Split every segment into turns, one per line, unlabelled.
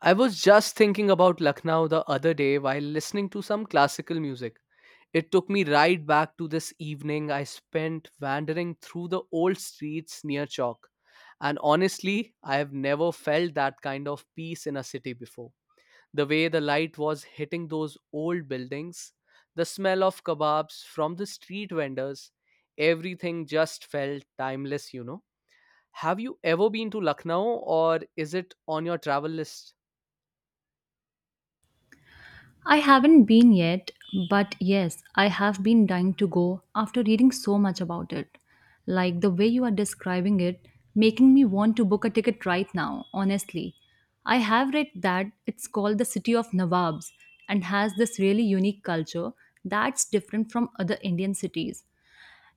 I was just thinking about Lucknow the other day while listening to some classical music. It took me right back to this evening I spent wandering through the old streets near Chowk. And honestly, I have never felt that kind of peace in a city before. The way the light was hitting those old buildings, the smell of kebabs from the street vendors, everything just felt timeless, you know. Have you ever been to Lucknow or is it on your travel list?
I haven't been yet, but yes, I have been dying to go after reading so much about it. Like the way you are describing it, making me want to book a ticket right now, honestly. I have read that it's called the City of Nawabs and has this really unique culture that's different from other Indian cities.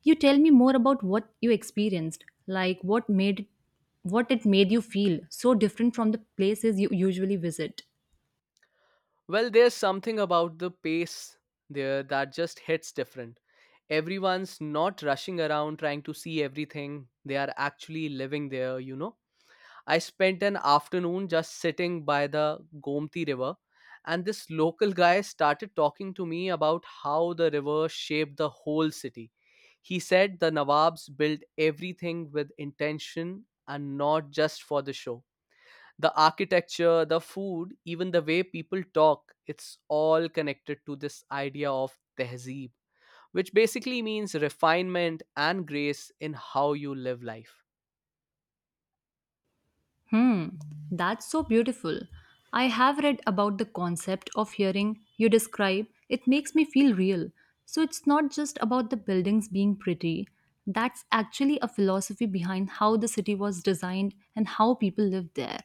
You tell me more about what you experienced, like what it made you feel so different from the places you usually visit.
Well, there's something about the pace there that just hits different. Everyone's not rushing around trying to see everything. They are actually living there, you know. I spent an afternoon just sitting by the Gomti River, and this local guy started talking to me about how the river shaped the whole city. He said the Nawabs built everything with intention and not just for the show, the architecture, the food, even the way people talk, it's all connected to this idea of tehzeeb, which basically means refinement and grace in how you live life.
Hmm, that's so beautiful. I have read about the concept of hearing you describe. It makes me feel real. So it's not just about the buildings being pretty. That's actually a philosophy behind how the city was designed and how people lived there.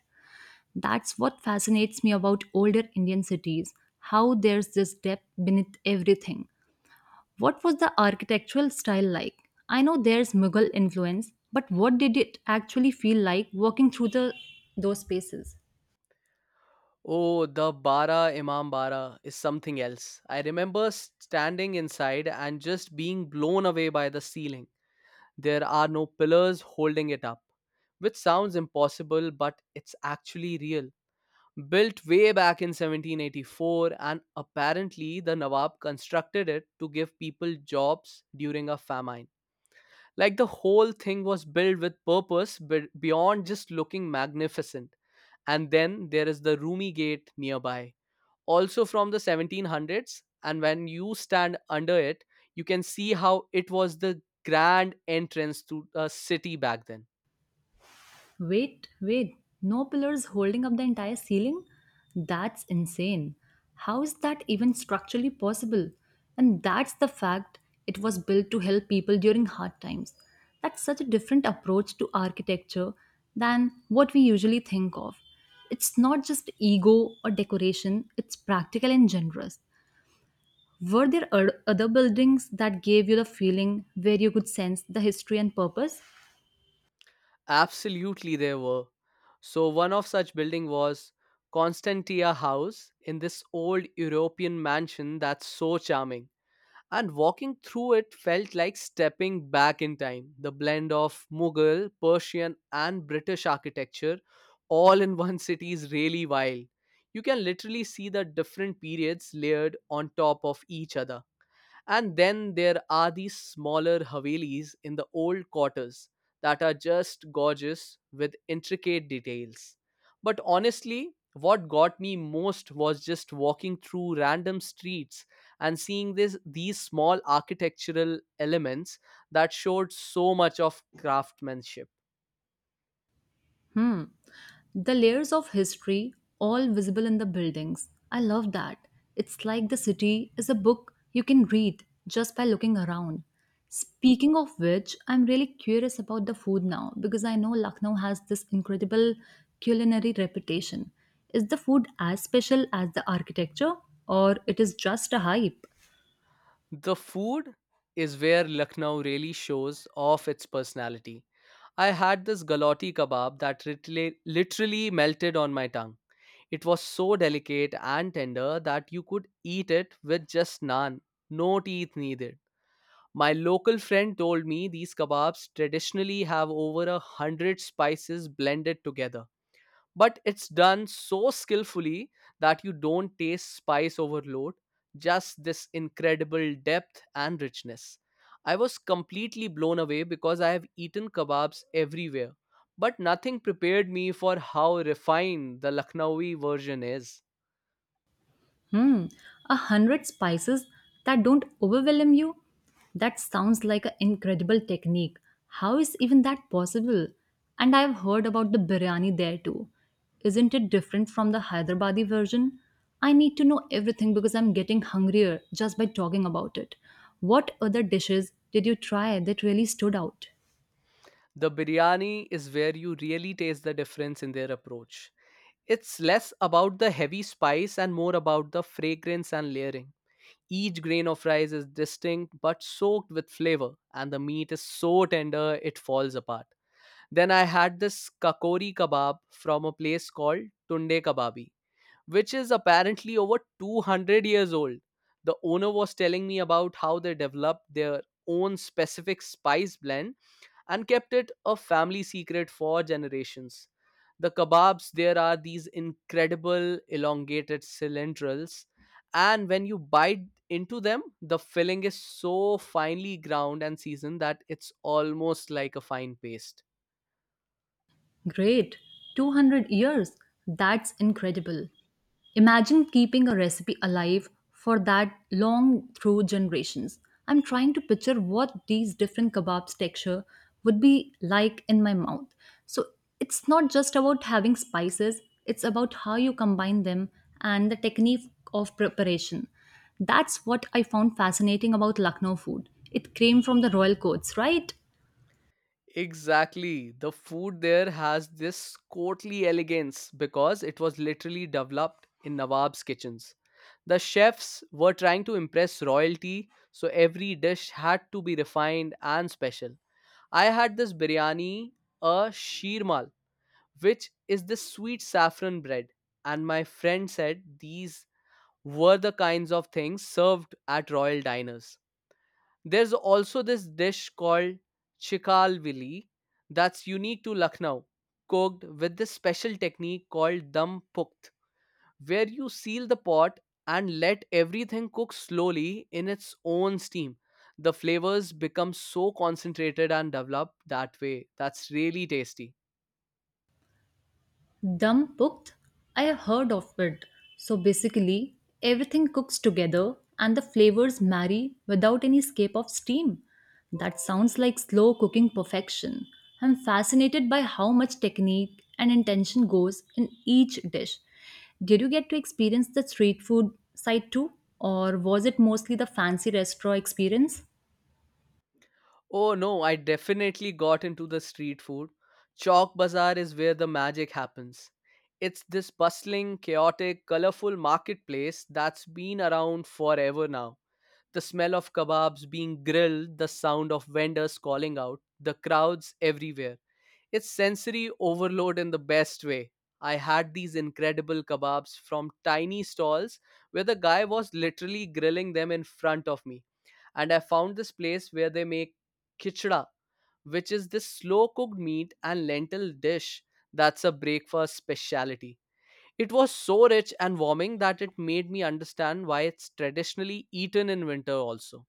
That's what fascinates me about older Indian cities, how there's this depth beneath everything. What was the architectural style like? I know there's Mughal influence, but what did it actually feel like walking through the those spaces?
Oh, the Bara Imam Bara is something else. I remember standing inside and just being blown away by the ceiling. There are no pillars holding it up, which sounds impossible, but it's actually real. Built way back in 1784, and apparently the nawab constructed it to give people jobs during a famine. Like, the whole thing was built with purpose, but beyond just looking magnificent. And then there is the rumi gate nearby, also from the 1700s, and when you stand under it, you can see how it was the grand entrance to a city back then.
Wait, wait. No pillars holding up the entire ceiling? That's insane. How is that even structurally possible? And that's the fact it was built to help people during hard times. That's such a different approach to architecture than what we usually think of. It's not just ego or decoration, it's practical and generous. Were there other buildings that gave you the feeling where you could sense the history and purpose?
Absolutely, there were. So, one of such building was Constantia House, in this old European mansion that's so charming. And walking through it felt like stepping back in time. The blend of Mughal, Persian, and British architecture all in one city is really wild. You can literally see the different periods layered on top of each other. And then there are these smaller Havelis in the old quarters that are just gorgeous with intricate details. But honestly, what got me most was just walking through random streets and seeing these small architectural elements that showed so much of craftsmanship.
Hmm. The layers of history, all visible in the buildings. I love that. It's like the city is a book you can read just by looking around. Speaking of which, I'm really curious about the food now because I know Lucknow has this incredible culinary reputation. Is the food as special as the architecture or it is just a hype?
The food is where Lucknow really shows off its personality. I had this galati kebab that literally melted on my tongue. It was so delicate and tender that you could eat it with just naan, no teeth needed. My local friend told me these kebabs traditionally have over a hundred spices blended together. But it's done so skillfully that you don't taste spice overload, just this incredible depth and richness. I was completely blown away because I have eaten kebabs everywhere, but nothing prepared me for how refined the Lucknowi version is.
Hmm, a hundred spices that don't overwhelm you? That sounds like an incredible technique. How is even that possible? And I've heard about the biryani there too. Isn't it different from the Hyderabadi version? I need to know everything because I'm getting hungrier just by talking about it. What other dishes did you try that really stood out?
The biryani is where you really taste the difference in their approach. It's less about the heavy spice and more about the fragrance and layering. Each grain of rice is distinct but soaked with flavor, and the meat is so tender it falls apart. Then I had this kakori kebab from a place called Tunde Kababi, which is apparently over 200 years old. The owner was telling me about how they developed their own specific spice blend and kept it a family secret for generations. The kebabs, there are these incredible elongated cilindrals, and when you bite into them, the filling is so finely ground and seasoned that it's almost like a fine paste.
Great! 200 years! That's incredible. Imagine keeping a recipe alive for that long through generations. I'm trying to picture what these different kebabs texture would be like in my mouth. So it's not just about having spices, it's about how you combine them and the technique of preparation. That's what I found fascinating about Lucknow food. It came from the royal courts, right?
Exactly. The food there has this courtly elegance because it was literally developed in Nawab's kitchens. The chefs were trying to impress royalty, so every dish had to be refined and special. I had this biryani, a sheermal, which is this sweet saffron bread, and my friend said these were the kinds of things served at royal diners. There's also this dish called chikalvili that's unique to Lucknow, cooked with this special technique called dum pukt, where you seal the pot and let everything cook slowly in its own steam. The flavors become so concentrated and developed that way. That's really tasty.
Dum cooked? I heard of it. So basically, everything cooks together and the flavors marry without any escape of steam. That sounds like slow cooking perfection. I'm fascinated by how much technique and intention goes in each dish. Did you get to experience the street food side too, or was it mostly the fancy restaurant experience?
Oh no, I definitely got into the street food. Chalk Bazaar is where the magic happens. It's this bustling, chaotic, colorful marketplace that's been around forever now. The smell of kebabs being grilled, the sound of vendors calling out, the crowds everywhere. It's sensory overload in the best way. I had these incredible kebabs from tiny stalls where the guy was literally grilling them in front of me, and I found this place where they make khichda, which is this slow cooked meat and lentil dish that's a breakfast specialty. It was so rich and warming that it made me understand why it's traditionally eaten in winter also.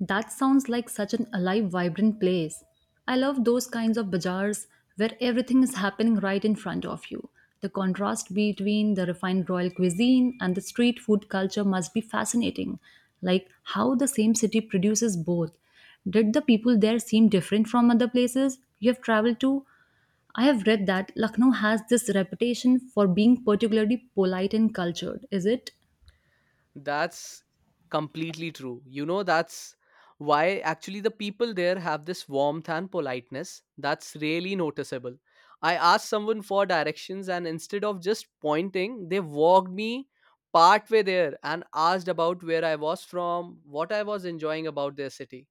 That sounds like such an alive, vibrant place. I love those kinds of bazaars where everything is happening right in front of you. The contrast between the refined royal cuisine and the street food culture must be fascinating. Like how the same city produces both. Did the people there seem different from other places you have traveled to? I have read that Lucknow has this reputation for being particularly polite and cultured, is it?
That's completely true. You know, that's why actually the people there have this warmth and politeness that's really noticeable. I asked someone for directions, and instead of just pointing, they walked me partway there and asked about where I was from, what I was enjoying about their city.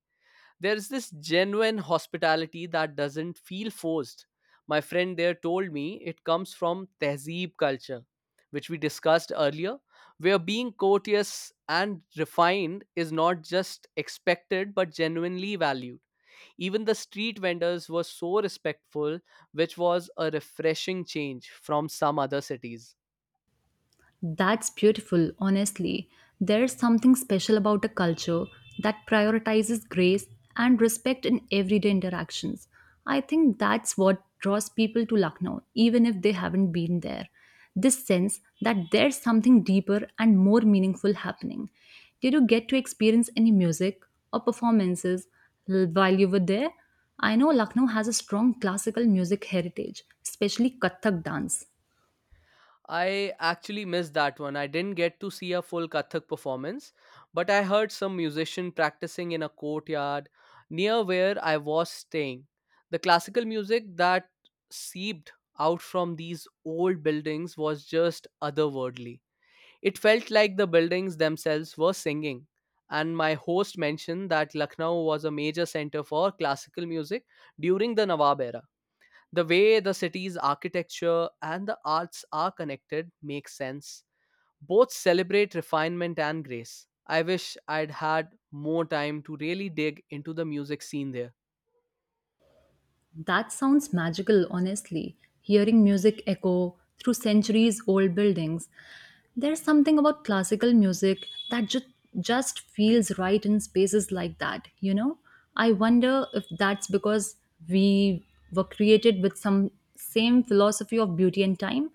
There's this genuine hospitality that doesn't feel forced. My friend there told me it comes from tehzeeb culture, which we discussed earlier, where being courteous and refined is not just expected but genuinely valued. Even the street vendors were so respectful, which was a refreshing change from some other cities.
That's beautiful, honestly. There's something special about a culture that prioritizes grace and respect in everyday interactions. I think that's what draws people to Lucknow, even if they haven't been there. This sense that there's something deeper and more meaningful happening. Did you get to experience any music or performances while you were there? I know Lucknow has a strong classical music heritage, especially Kathak dance.
I actually missed that one. I didn't get to see a full Kathak performance, but I heard some musician practicing in a courtyard near where I was staying. The classical music that seeped out from these old buildings was just otherworldly. It felt like the buildings themselves were singing. And my host mentioned that Lucknow was a major center for classical music during the Nawab era. The way the city's architecture and the arts are connected makes sense. Both celebrate refinement and grace. I wish I'd had more time to really dig into the music scene there.
That sounds magical, honestly. Hearing music echo through centuries old buildings. There's something about classical music that just feels right in spaces like that, you know? I wonder if that's because we were created with some same philosophy of beauty and time.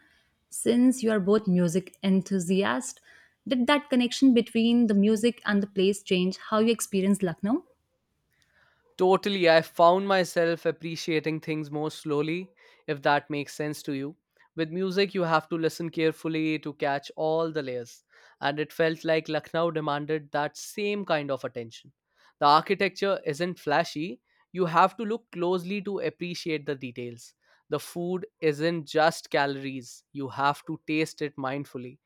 Since you are both music enthusiasts, did that connection between the music and the place change how you experience Lucknow?
Totally, I found myself appreciating things more slowly, if that makes sense to you. With music, you have to listen carefully to catch all the layers, and it felt like Lucknow demanded that same kind of attention. The architecture isn't flashy, you have to look closely to appreciate the details. The food isn't just calories, you have to taste it mindfully.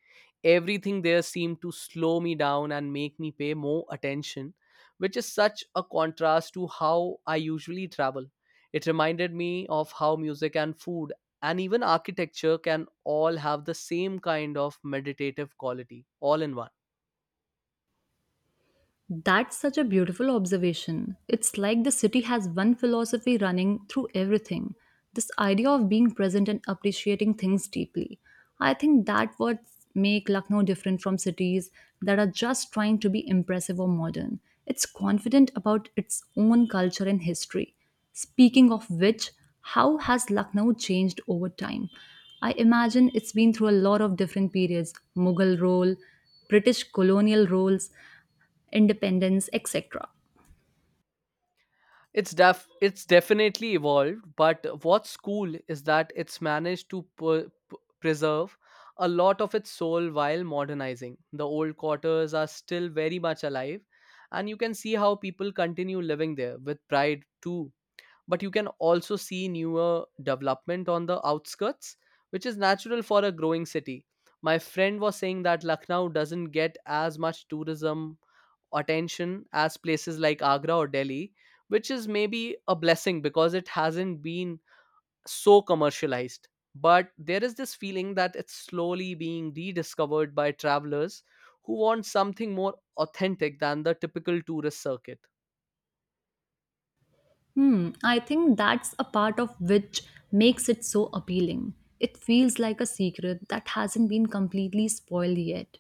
Everything there seemed to slow me down and make me pay more attention, which is such a contrast to how I usually travel. It reminded me of how music and food and even architecture can all have the same kind of meditative quality all in one.
That's such a beautiful observation. It's like the city has one philosophy running through everything, this idea of being present and appreciating things deeply. I think that what make Lucknow different from cities that are just trying to be impressive or modern. It's confident about its own culture and history. Speaking of which, how has Lucknow changed over time? I imagine it's been through a lot of different periods: Mughal rule, British colonial roles, independence, etc.
It's definitely evolved, but what's cool is that it's managed to preserve a lot of its soul while modernizing. The old quarters are still very much alive, and you can see how people continue living there with pride too. But you can also see newer development on the outskirts, which is natural for a growing city. My friend was saying that Lucknow doesn't get as much tourism attention as places like Agra or Delhi, which is maybe a blessing because it hasn't been so commercialized. But there is this feeling that it's slowly being rediscovered by travelers who want something more authentic than the typical tourist circuit.
Hmm, I think that's a part of which makes it so appealing. It feels like a secret that hasn't been completely spoiled yet.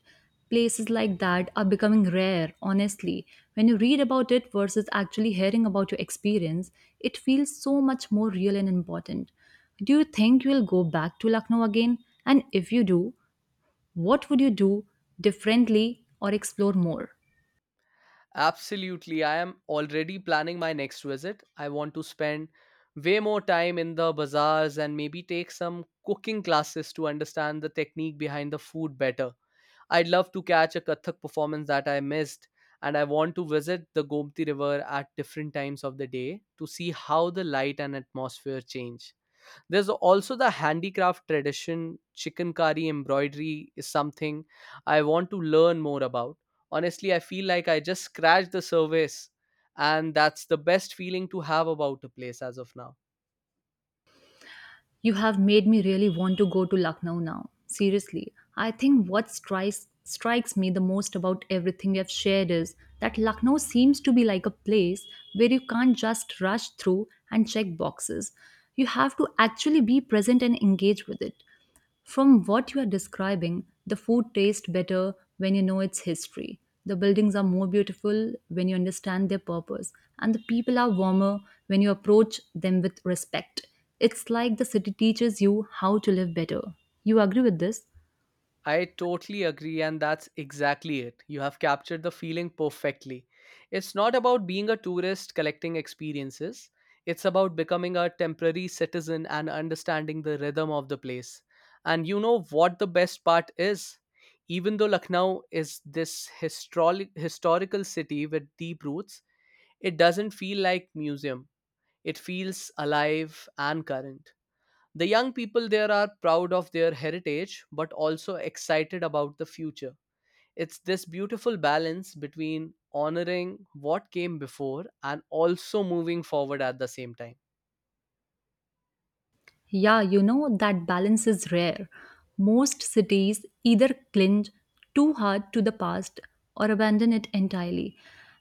Places like that are becoming rare, honestly. When you read about it versus actually hearing about your experience, it feels so much more real and important. Do you think you'll go back to Lucknow again? And if you do, what would you do differently or explore more?
Absolutely. I am already planning my next visit. I want to spend way more time in the bazaars and maybe take some cooking classes to understand the technique behind the food better. I'd love to catch a Kathak performance that I missed, and I want to visit the Gomti River at different times of the day to see how the light and atmosphere change. There's also the handicraft tradition, chicken embroidery is something I want to learn more about. Honestly, I feel like I just scratched the surface, and that's the best feeling to have about a place as of now.
You have made me really want to go to Lucknow now. Seriously, I think what strikes me the most about everything we have shared is that Lucknow seems to be like a place where you can't just rush through and check boxes. You have to actually be present and engage with it. From what you are describing, the food tastes better when you know its history. The buildings are more beautiful when you understand their purpose, and the people are warmer when you approach them with respect. It's like the city teaches you how to live better. You agree with this?
I totally agree, and that's exactly it. You have captured the feeling perfectly. It's not about being a tourist collecting experiences, it's about becoming a temporary citizen and understanding the rhythm of the place. And you know what the best part is? Even though Lucknow is this historical city with deep roots, it doesn't feel like museum. It feels alive and current. The young people there are proud of their heritage but also excited about the future. It's this beautiful balance between honoring what came before and also moving forward at the same time.
Yeah, you know, that balance is rare. Most cities either cling too hard to the past or abandon it entirely.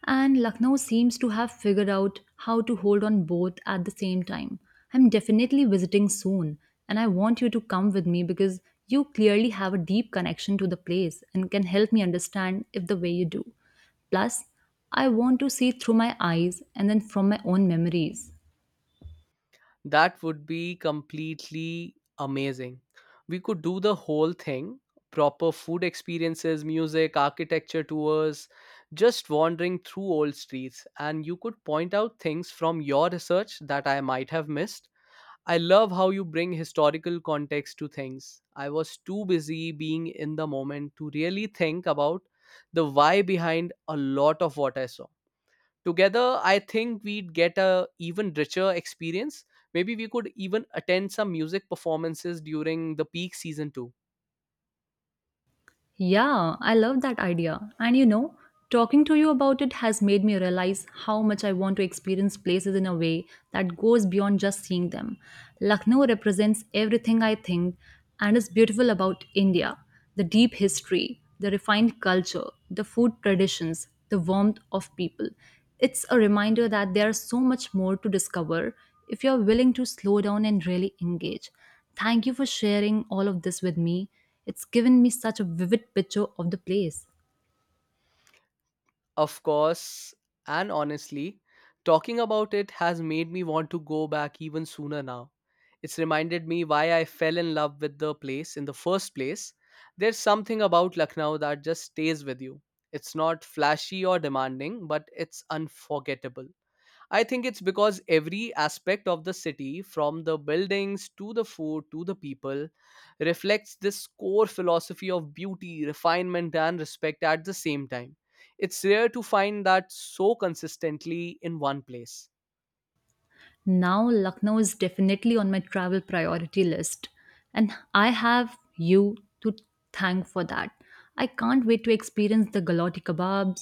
And Lucknow seems to have figured out how to hold on both at the same time. I'm definitely visiting soon, and I want you to come with me because you clearly have a deep connection to the place and can help me understand if the way you do. Plus, I want to see through my eyes and then from my own memories.
That would be completely amazing. We could do the whole thing, proper food experiences, music, architecture tours, just wandering through old streets, and you could point out things from your research that I might have missed. I love how you bring historical context to things. I was too busy being in the moment to really think about the why behind a lot of what I saw. Together, I think we'd get a even richer experience. Maybe we could even attend some music performances during the peak season too.
Yeah, I love that idea. And you know, talking to you about it has made me realize how much I want to experience places in a way that goes beyond just seeing them. Lucknow represents everything I think and is beautiful about India, the deep history, the refined culture, the food traditions, the warmth of people. It's a reminder that there's so much more to discover if you're willing to slow down and really engage. Thank you for sharing all of this with me. It's given me such a vivid picture of the place.
Of course, and honestly, talking about it has made me want to go back even sooner now. It's reminded me why I fell in love with the place in the first place. There's something about Lucknow that just stays with you. It's not flashy or demanding, but it's unforgettable. I think it's because every aspect of the city, from the buildings to the food to the people, reflects this core philosophy of beauty, refinement, and respect at the same time. It's rare to find that so consistently in one place.
Now, Lucknow is definitely on my travel priority list, and I have you to thank for that. I can't wait to experience the Galati kebabs,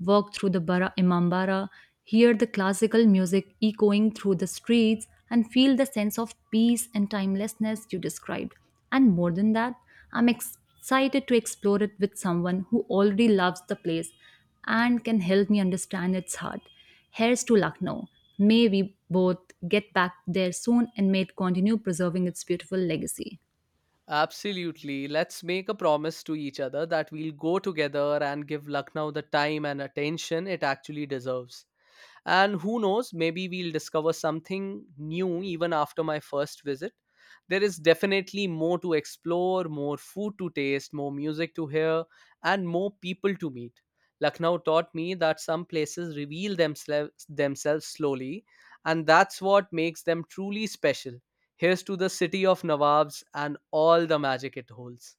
walk through the Bara Imambara, hear the classical music echoing through the streets, and feel the sense of peace and timelessness you described. And more than that, I'm excited to explore it with someone who already loves the place and can help me understand its heart. Here's to Lucknow. May we both get back there soon and may it continue preserving its beautiful legacy.
Absolutely. Let's make a promise to each other that we'll go together and give Lucknow the time and attention it actually deserves. And who knows, maybe we'll discover something new even after my first visit. There is definitely more to explore, more food to taste, more music to hear, and more people to meet. Lucknow taught me that some places reveal themselves slowly, and that's what makes them truly special. Here's to the city of Nawabs and all the magic it holds.